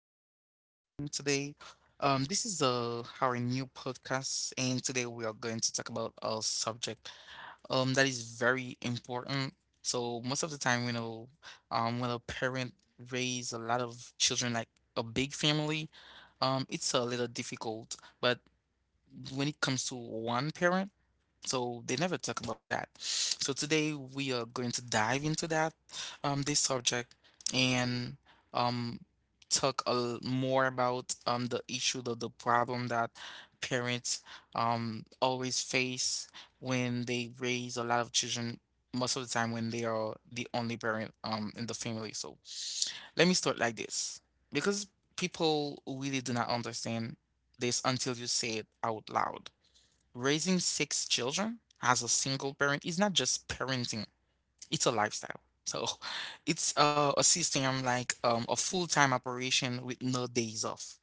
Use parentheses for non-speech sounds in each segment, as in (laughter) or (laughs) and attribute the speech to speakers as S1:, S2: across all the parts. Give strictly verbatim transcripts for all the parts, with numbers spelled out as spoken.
S1: much for joining today. Um, this is uh, our new podcast, and today we are going to talk about a subject um that is very important. So most of the time, you know, um, when a parent raise a lot of children, like a big family, um, it's a little difficult. But when it comes to one parent, so they never talk about that. So today we are going to dive into that um this subject and um talk a l- more about um the issue the, the problem that parents um always face when they raise a lot of children most of the time when they are the only parent um in the family. So let me start like this because people really do not understand this until you say it out loud. Raising six children as a single parent is not just parenting, it's a lifestyle. So (laughs) it's uh, a system, like um, a full time operation with no days off.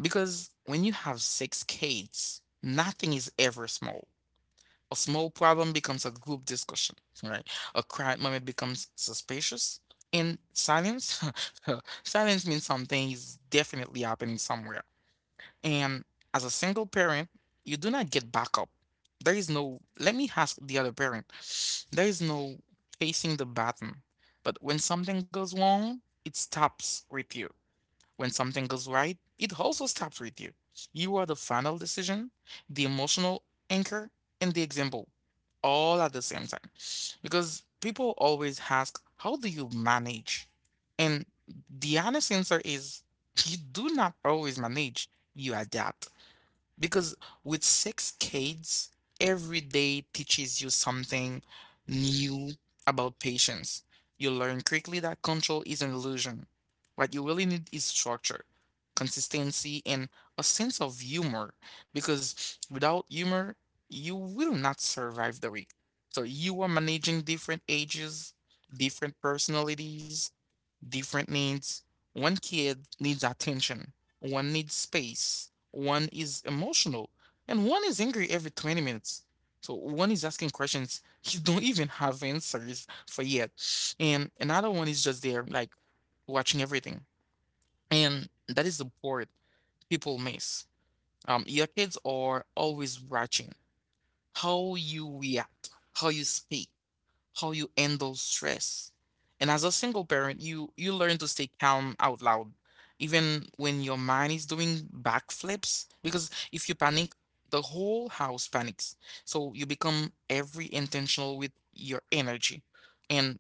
S1: Because when you have six kids, nothing is ever small. A small problem becomes a group discussion, right? A quiet moment becomes suspicious. And silence, (laughs) silence means something is definitely happening somewhere. And as a single parent, you do not get backup. There is no, let me ask the other parent, (sniffs) there is no facing the button. But when something goes wrong, it stops with you. When something goes right, it also stops with you. You are the final decision, the emotional anchor, and the example all at the same time. Because people always ask, how do you manage? And the honest answer is, you do not always manage, you adapt. Because with six kids, every day teaches you something new about patience. You learn quickly that control is an illusion. What you really need is structure, consistency, and a sense of humor. Because without humor, you will not survive the week. So you are managing different ages, different personalities, different needs. One kid needs attention, one needs space, one is emotional, and one is angry every twenty minutes. So one is asking questions (laughs) you don't even have answers for yet. And another one is just there, like watching everything. And that is the part people miss. Um, your kids are always watching how you react, how you speak, how you handle stress. And as a single parent, you you learn to stay calm out loud, even when your mind is doing backflips. Because if you panic, the whole house panics. So you become every intentional with your energy. And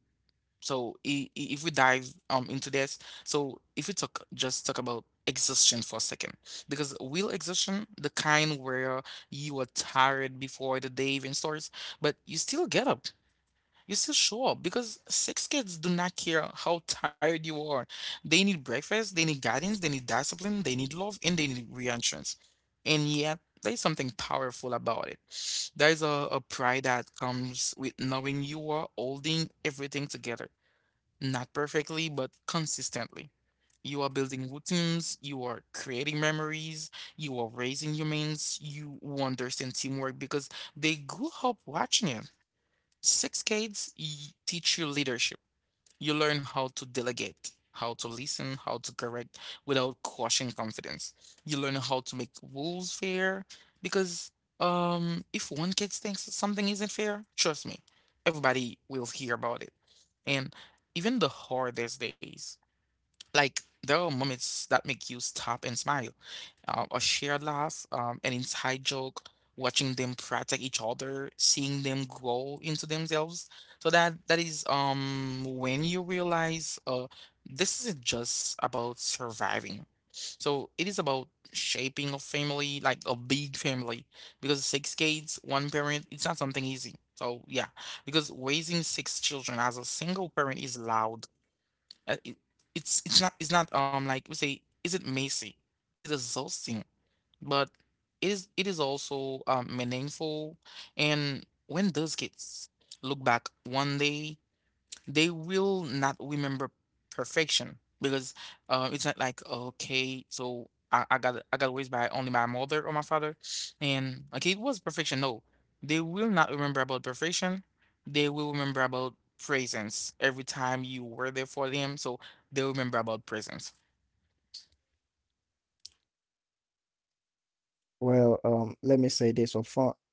S1: so i- i- if we dive um into this, so if we talk just talk about exhaustion for a second, because real exhaustion, the kind where you are tired before the day even starts, but you still get up, you still show up because sex kids do not care how tired you are. They need breakfast, they need guidance, they need discipline, they need love, and they need reassurance. And yet, there's something powerful about it. There's a, a pride that comes with knowing you are holding everything together, not perfectly, but consistently. You are building routines, you are creating memories, you are raising humans, you understand teamwork because they grew up watching it. Six Ks y- teach you leadership. You learn how to delegate, how to listen, how to correct without crushing confidence. You learn how to make rules fair because um, if one kid thinks that something isn't fair, trust me, everybody will hear about it. And even the hardest days, like there are moments that make you stop and smile, um, a shared laugh, um, an inside joke, watching them protect each other, seeing them grow into themselves. So that that is um when you realize uh this isn't just about surviving. So it is about shaping a family, like a big family, because six kids, one parent, it's not something easy. So yeah, because raising six children as a single parent is loud. Uh, it, it's it's not it's not um like we say. Is it messy? Is it exhausting? But it is it is also um, meaningful. And when those kids look back one day, they will not remember perfection because uh, it's not like okay, so I, I got I got raised by only my mother or my father, and like it was perfection. No, they will not remember about perfection. They will remember about presence, every time you were there for them. So they'll remember about presence.
S2: Well, um, let me say this upfront.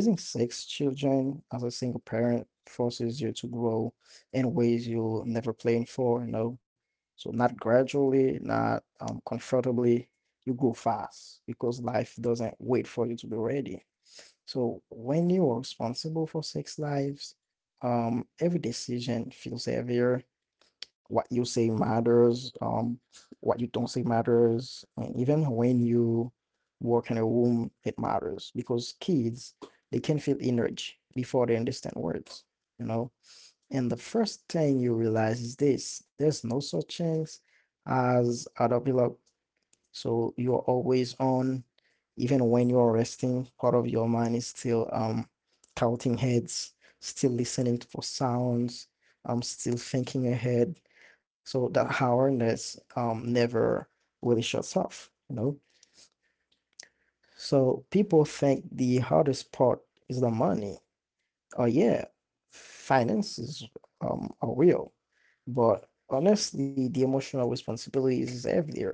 S2: Raising six children as a single parent forces you to grow in ways you never planned for, you know. So not gradually, not um comfortably, you grow fast because life doesn't wait for you to be ready. So when you are responsible for six lives, um, every decision feels heavier, what you say matters, um, what you don't say matters. And even when you work in a room, it matters because kids, they can feel energy before they understand words, you know? And the first thing you realize is this, there's no such thing as adult, so you are always on, even when you are resting, part of your mind is still um counting heads, still listening for sounds, um still thinking ahead. So that awareness um never really shuts off, you know? So people think the hardest part is the money. Oh yeah, finances um are real, but honestly, the emotional responsibilities is everywhere.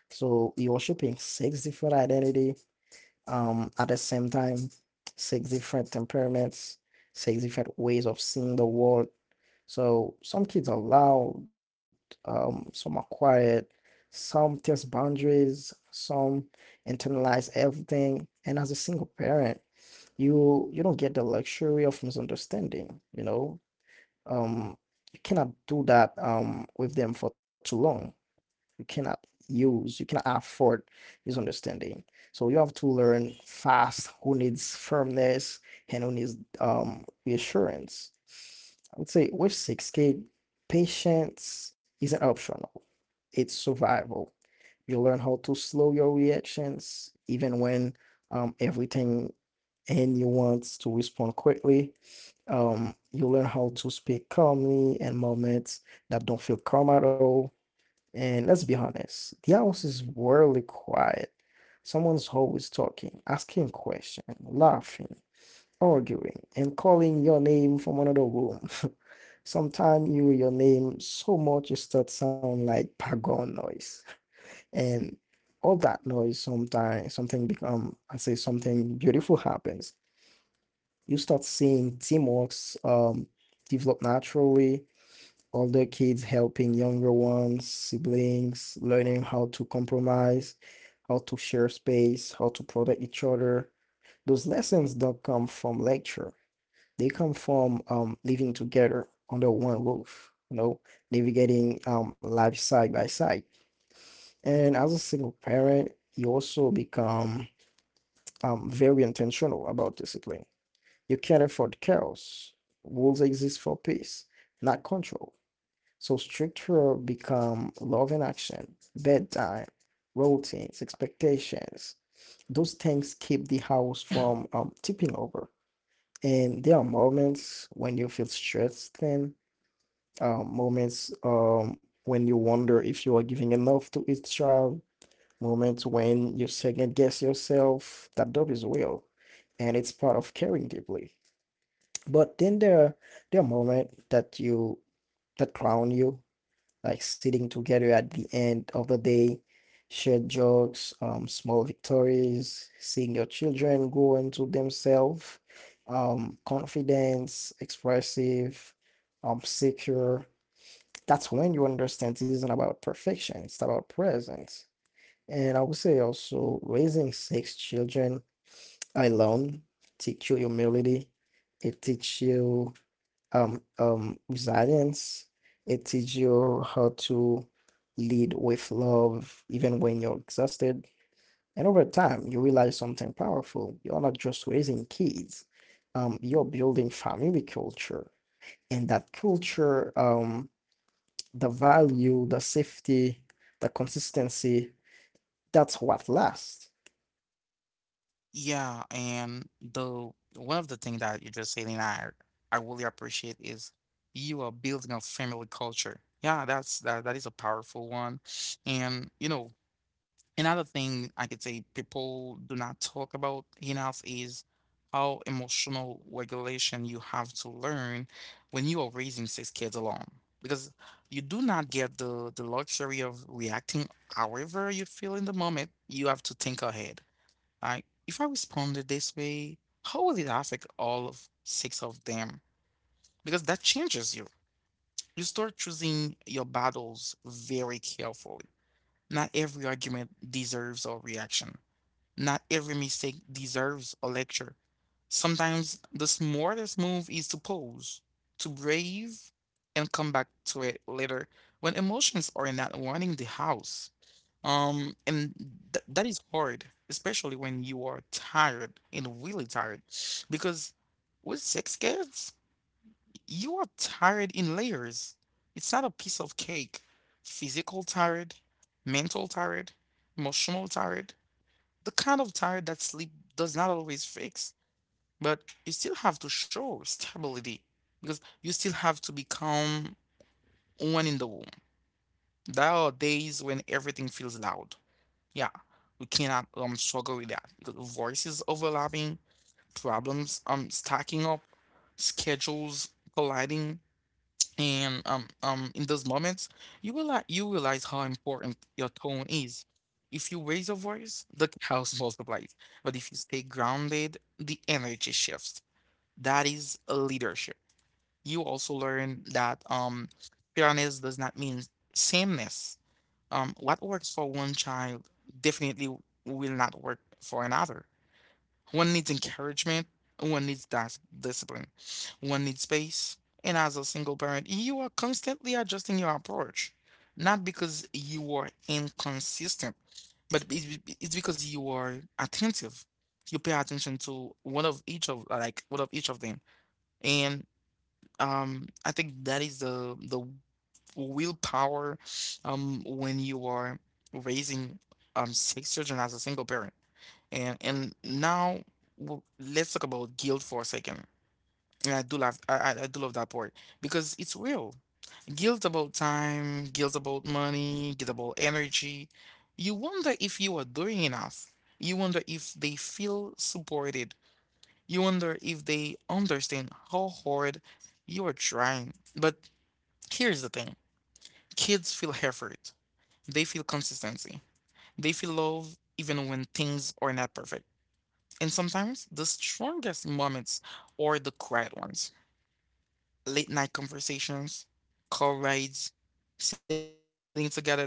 S2: So you're shipping six different identity um, at the same time, six different temperaments, six different ways of seeing the world. So some kids are loud, um, some are quiet, some test boundaries, some internalize everything. And as a single parent, you you don't get the luxury of misunderstanding, you know. Um, you cannot do that um with them for too long, you cannot use, you cannot afford his understanding. So you have to learn fast who needs firmness and who needs um reassurance. I would say with six K, patience isn't optional, it's survival. You learn how to slow your reactions even when um, everything in you wants to respond quickly. Um, you learn how to speak calmly in moments that don't feel calm at all, and let's be honest, the house is weirdly quiet. Someone's always talking, asking questions, laughing, arguing, and calling your name from another room. (laughs) Sometimes you hear your name so much it starts sound like background noise. And all that noise sometimes something become I say something beautiful happens. You start seeing teamworks um develop naturally, older kids helping younger ones, siblings, learning how to compromise, how to share space, how to protect each other. Those lessons don't come from lecture. They come from um, living together under one roof, you know, navigating um, life side by side. And as a single parent, you also become um, very intentional about discipline. You cater for the chaos. Rules exist for peace, not control. So structure become love and action, bedtime, routines, expectations. Those things keep the house from um, tipping over. And there are moments when you feel stressed, then um, moments um, when you wonder if you are giving enough to each child, moments when you second guess yourself. That job is real, and it's part of caring deeply. But then there, there are moments that you that crown you, like sitting together at the end of the day, shared jokes, um, small victories, seeing your children grow into themselves, um, confidence, expressive, um, secure. That's when you understand it isn't about perfection, it's about presence. And I would say also raising six children alone teach you humility. It teaches you um um resilience. It teaches you how to lead with love even when you're exhausted. And over time, you realize something powerful. You're not just raising kids. Um, you're building family culture. And that culture, um, the value, the safety, the consistency, that's what lasts.
S1: Yeah, and the one of the things that you just said, and I I really appreciate is you are building a family culture. Yeah, that's that that is a powerful one. And you know, another thing I could say people do not talk about enough is how emotional regulation you have to learn when you are raising six kids alone. Because you do not get the the luxury of reacting however you feel in the moment. You have to think ahead, like, if I responded this way, how will it affect all of six of them? Because that changes you. You start choosing your battles very carefully. Not every argument deserves a reaction. Not every mistake deserves a lecture. Sometimes the smartest move is to pause, to brave, and come back to it later when emotions are not running the house. Um, and th- that is hard, especially when you are tired and really tired, because with six kids, you are tired in layers. It's not a piece of cake. Physical tired, mental tired, emotional tired, the kind of tired that sleep does not always fix, but you still have to show stability because you still have to become one in the womb. There are days when everything feels loud. Yeah, we cannot um struggle with that because voices overlapping, problems um stacking up, schedules colliding, and um um in those moments you realize you realize how important your tone is. If you raise your voice, the chaos multiplies. But if you stay grounded, the energy shifts. That is a leadership. You also learn that um fairness does not mean sameness. Um, what works for one child definitely will not work for another. One needs encouragement, one needs dis- discipline, one needs space. And as a single parent, you are constantly adjusting your approach, not because you are inconsistent, but it's be- it's because you are attentive. You pay attention to one of each of like one of each of them, and um, I think that is the the willpower um when you are raising um six children as a single parent. And and now w let's talk about guilt for a second. And I do love I, I I do love that part because it's real. Guilt about time, guilt about money, guilt about energy. You wonder if you are doing enough. You wonder if they feel supported. You wonder if they understand how hard you are trying. But here's the thing. Kids feel effort. They feel consistency. They feel love even when things are not perfect. And sometimes the strongest moments are the quiet ones. Late night conversations, car rides, sitting together doing nothing.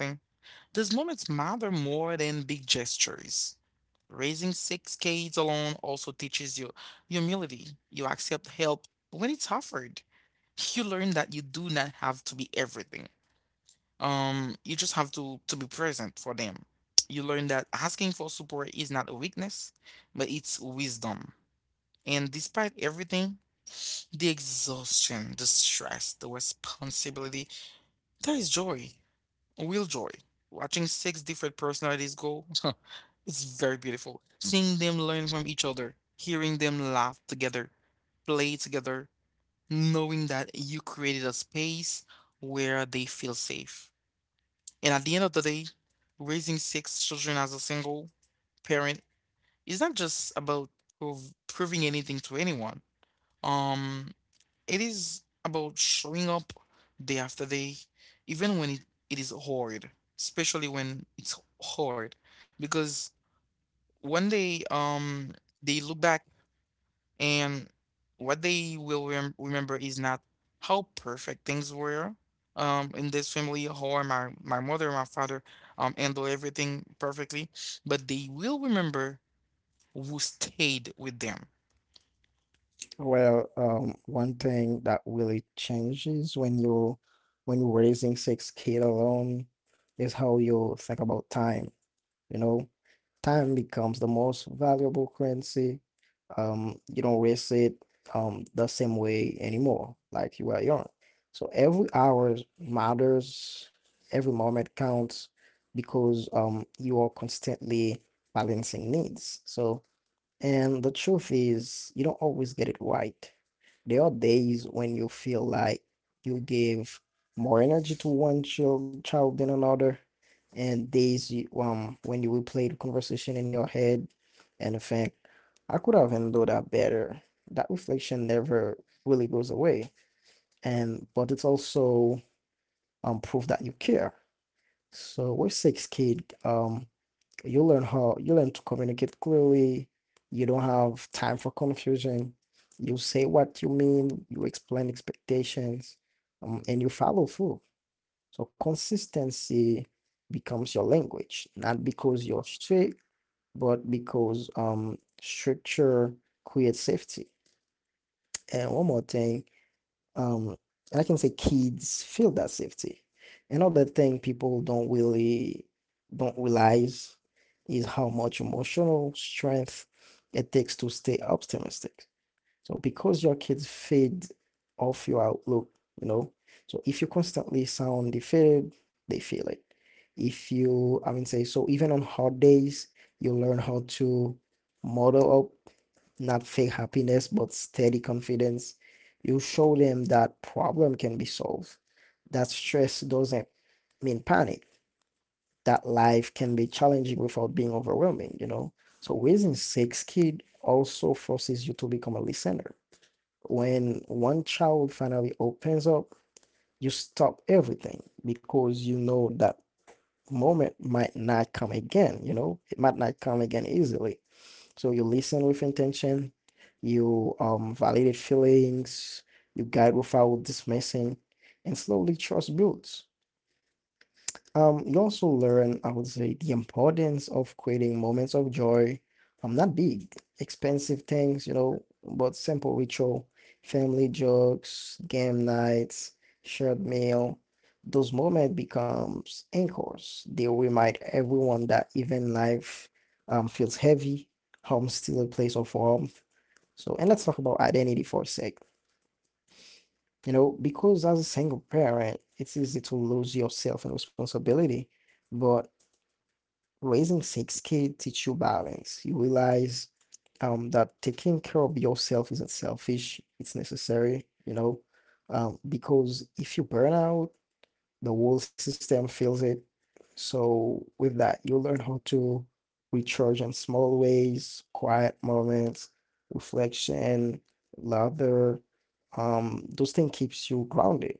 S1: These moments matter more than big gestures. Raising six kids alone also teaches you humility. You accept help when it's offered. You learn that you do not have to be everything. Um, you just have to to be present for them. You learn that asking for support is not a weakness, but it's wisdom. And despite everything, the exhaustion, the stress, the responsibility, there is joy, real joy. Watching six different personalities go, (laughs) it's very beautiful. Seeing them learn from each other, hearing them laugh together, play together, knowing that you created a space where they feel safe. And at the end of the day, raising six children as a single parent is not just about prov- proving anything to anyone. Um, it is about showing up day after day, even when it, it is hard, especially when it's hard, because one day, um, they look back and what they will rem- remember is not how perfect things were um, in this family, how my, my mother and my father um, handle everything perfectly, but they will remember who stayed with them.
S2: Well, um, one thing that really changes when you when you're raising six kids alone is how you think about time. You know, time becomes the most valuable currency. Um, you don't waste it um the same way anymore, like you were young. So every hour matters, every moment counts because um you are constantly balancing needs. So and the truth is, you don't always get it right. There are days when you feel like you give more energy to one child, child than another, and days you, um when you replay the conversation in your head and think, I could have handled that better. That reflection never really goes away, and but it's also um proof that you care. So with six kid, um you learn how you learn to communicate clearly, you don't have time for confusion, you say what you mean, you explain expectations, um, and you follow through, so consistency becomes your language, not because you're strict but because um structure creates safety. And one more thing, um I can say kids feel that safety. Another thing people don't really don't realize is how much emotional strength it takes to stay optimistic. So because your kids feed off your outlook, you know, so if you constantly sound defeated, they feel it. If you, I mean, say, so even on hard days, you learn how to model up, not fake happiness, but steady confidence. You show them that problem can be solved, that stress doesn't mean panic, that life can be challenging without being overwhelming, you know. So raising six kid also forces you to become a listener, when one child finally opens up, you stop everything because you know that moment might not come again, you know, it might not come again easily. So you listen with intention, you um validate feelings, you guide without dismissing, and slowly trust builds. Um, you also learn, I would say, the importance of creating moments of joy. Um, not big, expensive things, you know, but simple ritual, family jokes, game nights, shared meal. Those moments becomes anchors. They remind everyone that even life um feels heavy, home's still a place of warmth. So, and let's talk about identity for a sec. You know, because as a single parent, it's easy to lose yourself in responsibility. But raising six kids teach you balance. You realize um, that taking care of yourself isn't selfish, it's necessary, you know, um, because if you burn out, the whole system feels it. So, with that, you learn how to recharge in small ways, quiet moments, reflection, laughter. Um, those things keeps you grounded.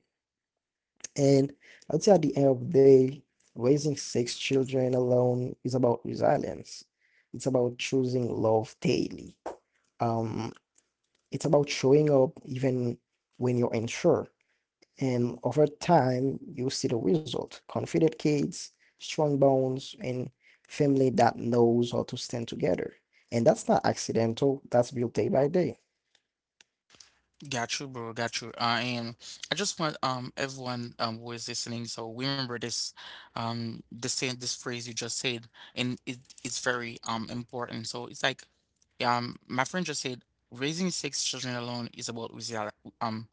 S2: And I'd say at the end of the day, raising six children alone is about resilience. It's about choosing love daily. Um, it's about showing up even when you're unsure. And over time, you see the result. Confident kids, strong bones, and family that knows how to stand together. And that's not accidental, that's built day by day.
S1: Got you, bro. Got you. Uh, and I just want um everyone um who is listening, so remember this um the same this phrase you just said, and it, it's very um important. So it's like, yeah. Um, my friend just said raising six children alone is about resili um,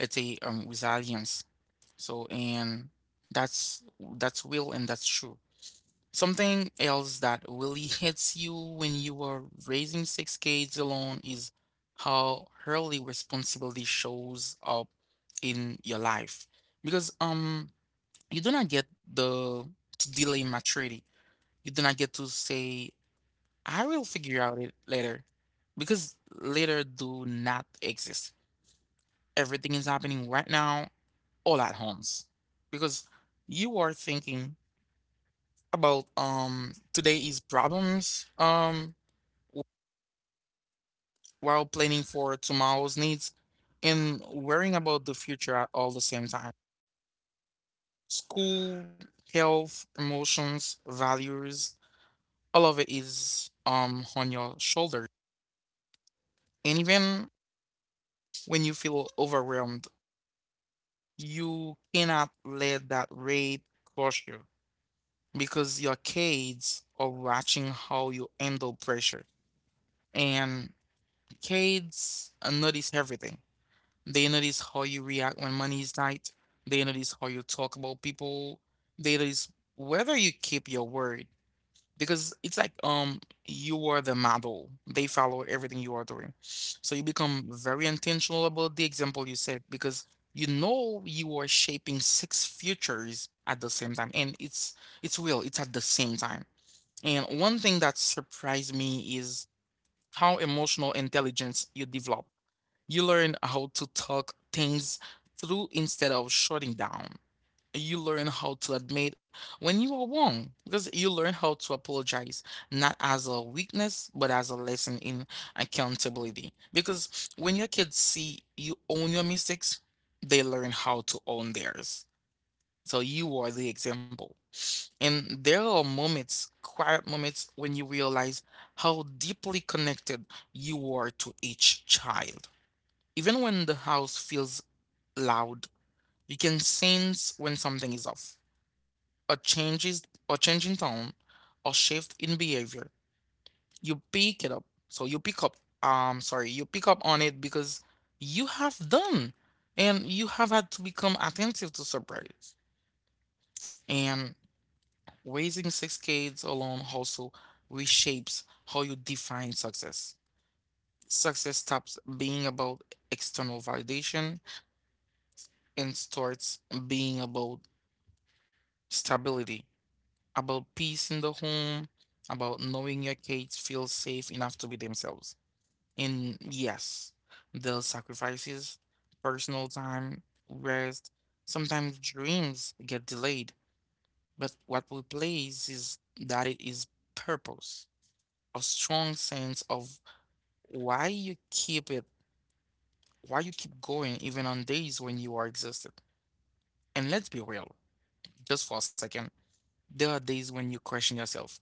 S1: let's say um resilience. So and that's that's real and that's true. Something else that really hits you when you are raising six kids alone is how early responsibility shows up in your life. Because um you do not get the to delay maturity. You do not get to say I will figure out it later because later do not exist. Everything is happening right now, all at once. Because you are thinking about um today's problems um while planning for tomorrow's needs and worrying about the future at all the same time. School, health, emotions, values, all of it is um on your shoulder. And even when you feel overwhelmed, you cannot let that rate crush you, because your kids are watching how you handle pressure. And kids uh, notice everything. They notice how you react when money is tight. They notice how you talk about people. They notice whether you keep your word, because it's like um you are the model. They follow everything you are doing. So you become very intentional about the example you set, because you know you are shaping six futures at the same time, and it's it's real, it's at the same time. And one thing that surprised me is how emotional intelligence you develop. You learn how to talk things through instead of shutting down. You learn how to admit when you are wrong, because you learn how to apologize not as a weakness but as a lesson in accountability. Because when your kids see you own your mistakes, they learn how to own theirs. So you are the example. And there are moments, quiet moments, when you realize how deeply connected you are to each child. Even when the house feels loud, you can sense when something is off, a changes, or change in tone, or shift in behavior. You pick it up. So you pick up, um sorry you pick up on it, because you have done, and you have had to become attentive to surprise. And raising six kids alone also reshapes how you define success. Success stops being about external validation and starts being about stability, about peace in the home, about knowing your kids feel safe enough to be themselves. And yes, they'll sacrifices, personal time, rest, sometimes dreams get delayed. But what we place is that it is purpose, a strong sense of why you keep it, why you keep going even on days when you are exhausted. And let's be real, just for a second, there are days when you question yourself,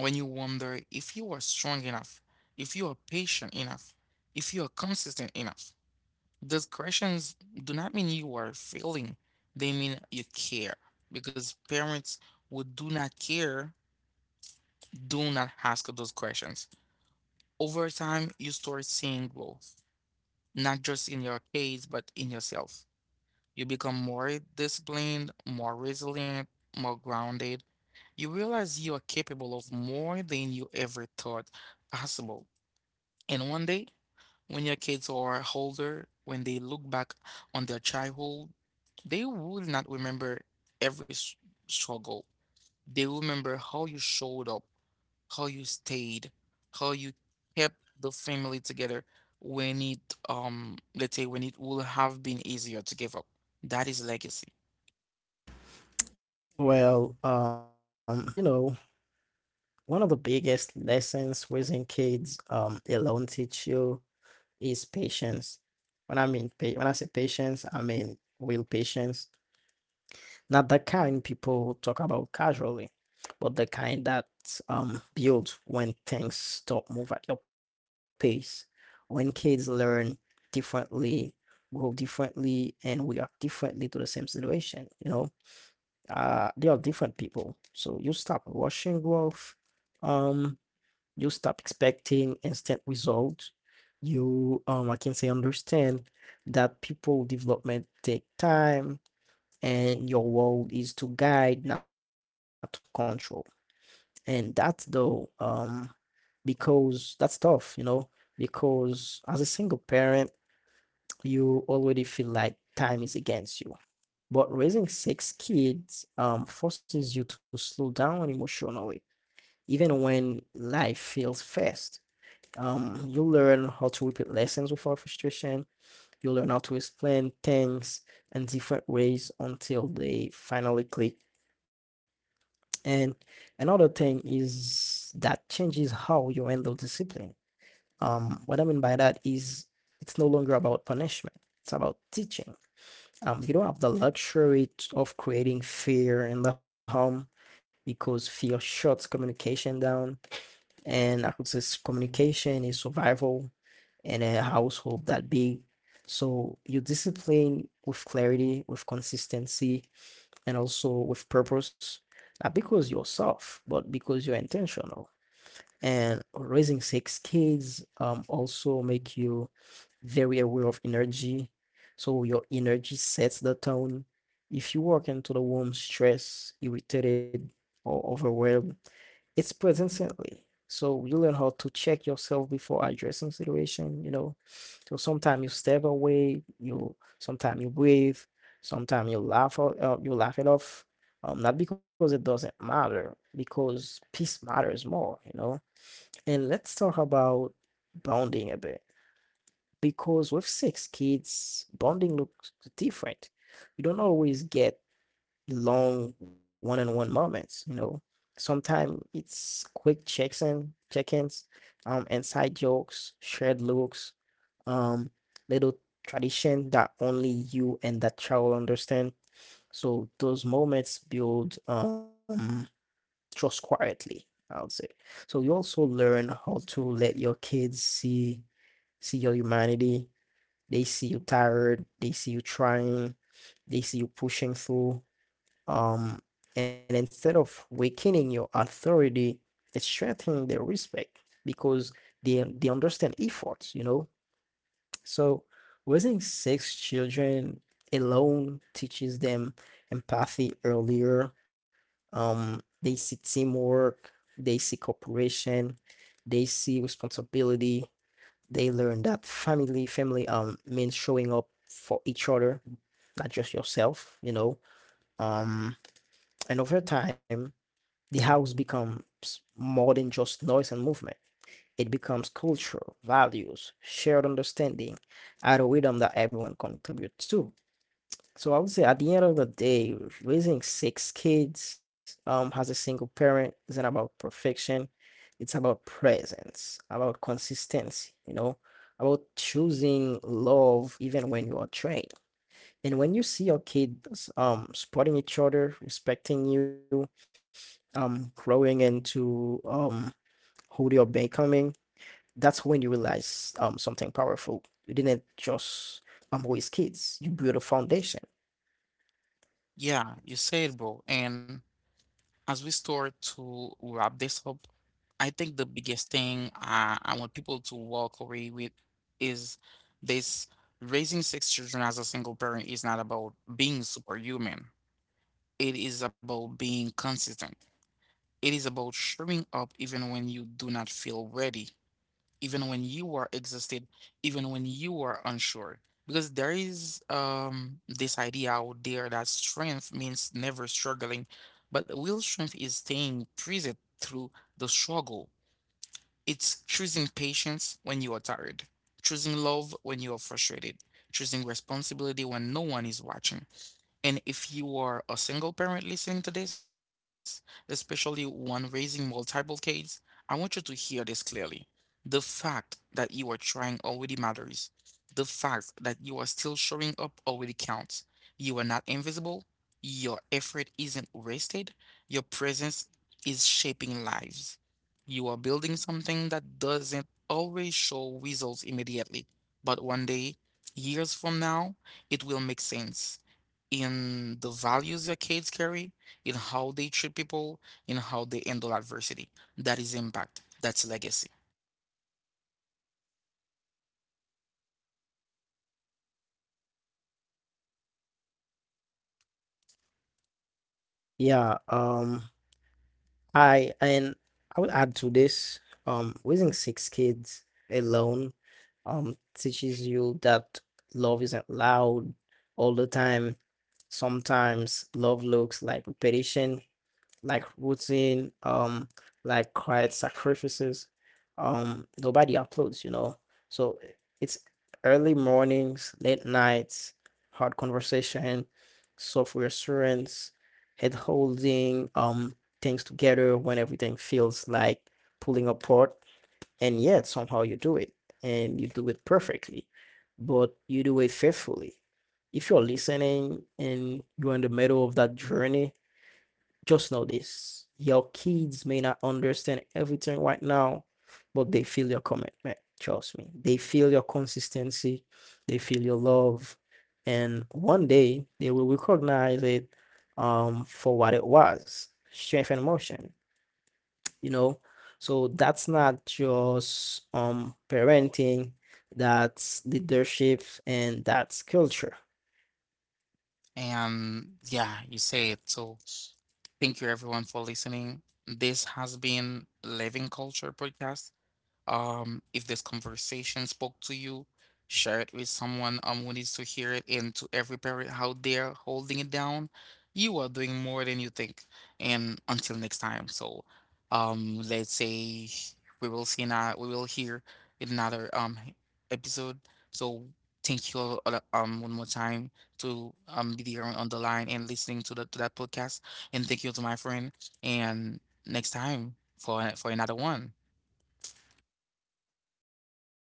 S1: when you wonder if you are strong enough, if you are patient enough, if you are consistent enough. Those questions do not mean you are failing, they mean you care. Because parents who do not care do not ask those questions. Over time, you start seeing growth, not just in your kids, but in yourself. You become more disciplined, more resilient, more grounded. You realize you are capable of more than you ever thought possible. And one day, when your kids are older, when they look back on their childhood, they will not remember every s- struggle. They remember how you showed up, how you stayed, how you kept the family together when it, um, let's say, when it would have been easier to give up. That is legacy.
S2: Well, um, you know, one of the biggest lessons raising kids um alone teach you is patience. When I mean pa when I say patience, I mean real patience. Not the kind people talk about casually, but the kind that um build when things stop move at your pace, when kids learn differently, grow differently, and react differently to the same situation. You know, uh, they are different people, so you stop rushing growth. Um, you stop expecting instant results. You um, I can say understand that people development take time and your role is to guide, not to control. And that's though, um, because that's tough, you know, because as a single parent, you already feel like time is against you. But raising six kids um, forces you to slow down emotionally, even when life feels fast. Um, you learn how to repeat lessons without frustration. You learn how to explain things in different ways until they finally click. And another thing is that changes how you handle discipline. Um, what I mean by that is it's no longer about punishment, it's about teaching. Um, you don't have the luxury t- of creating fear in the home because fear shuts communication down. And I could say s- communication is survival in a household that big. So you discipline with clarity, with consistency, and also with purpose, not because yourself, but because you're intentional. And raising six kids um also make you very aware of energy. So your energy sets the tone. If you walk into the womb stressed, irritated, or overwhelmed, it's present instantly. So you learn how to check yourself before addressing situation, you know. So sometimes you step away, you sometimes you breathe, sometimes you laugh out, uh, you laugh it off. Um, not because it doesn't matter, because peace matters more, you know. And let's talk about bonding a bit. Because with six kids, bonding looks different. You don't always get long one-on-one moments. You know, sometimes it's quick checks in, check-ins, um, inside jokes, shared looks, um, little tradition that only you and that child understand. So those moments build um trust quietly, I would say. So you also learn how to let your kids see see your humanity. They see you tired, they see you trying, they see you pushing through, um, and instead of weakening your authority, it's strengthening their respect because they they understand efforts, you know. So raising six children alone teaches them empathy earlier. Um, they see teamwork, they see cooperation, they see responsibility. They learn that family family um means showing up for each other, not just yourself, you know. Um, and over time the house becomes more than just noise and movement. It becomes culture, values, shared understanding, at a rhythm that everyone contributes to. So I would say at the end of the day, raising six kids um as a single parent isn't about perfection. It's about presence, about consistency, you know, about choosing love even when you are trained. And when you see your kids um supporting each other, respecting you, um growing into um who you're becoming, that's when you realize um something powerful. You didn't just um raise kids, you build a foundation.
S1: Yeah, you said, bro. And as we start to wrap this up, I think the biggest thing uh, I want people to walk away with is this: raising six children as a single parent is not about being superhuman. It is about being consistent. It is about showing up even when you do not feel ready, even when you are exhausted, even when you are unsure. Because there is, um, this idea out there that strength means never struggling, but real strength is staying present through the struggle. It's choosing patience when you are tired, choosing love when you are frustrated, choosing responsibility when no one is watching. And if you are a single parent listening to this, especially one raising multiple kids, I want you to hear this clearly. The fact that you are trying already matters. The fact that you are still showing up already counts. You are not invisible. Your effort isn't wasted. Your presence is shaping lives. You are building something that doesn't always show results immediately, but one day, years from now, it will make sense, in the values that kids carry, in how they treat people, in how they handle adversity. That is impact. That's legacy.
S2: Yeah, um I and I would add to this, um raising six kids alone um teaches you that love isn't loud all the time. Sometimes love looks like repetition, like routine, um, like quiet sacrifices. Um, nobody uploads, you know. So it's early mornings, late nights, hard conversation, software assurance, head holding, um, things together when everything feels like pulling apart, and yet somehow you do it, and you do it perfectly, but you do it faithfully. If you're listening and you're in the middle of that journey, just know this: your kids may not understand everything right now, but they feel your commitment. Trust me. They feel your consistency, they feel your love. And one day they will recognize it um, for what it was, strength and emotion, you know? So that's not just um, parenting, that's leadership, and that's culture.
S1: And yeah, you say it. So thank you everyone for listening. This has been Living Culture Podcast. Um, if this conversation spoke to you, share it with someone um, who needs to hear it. And to every parent out there holding it down, you are doing more than you think. And until next time, so um, let's say we will see now. We will hear in another um episode. So thank you all, all, um one more time to um be there on, on the line and listening to the to that podcast. And thank you to my friend. And next time for for another one.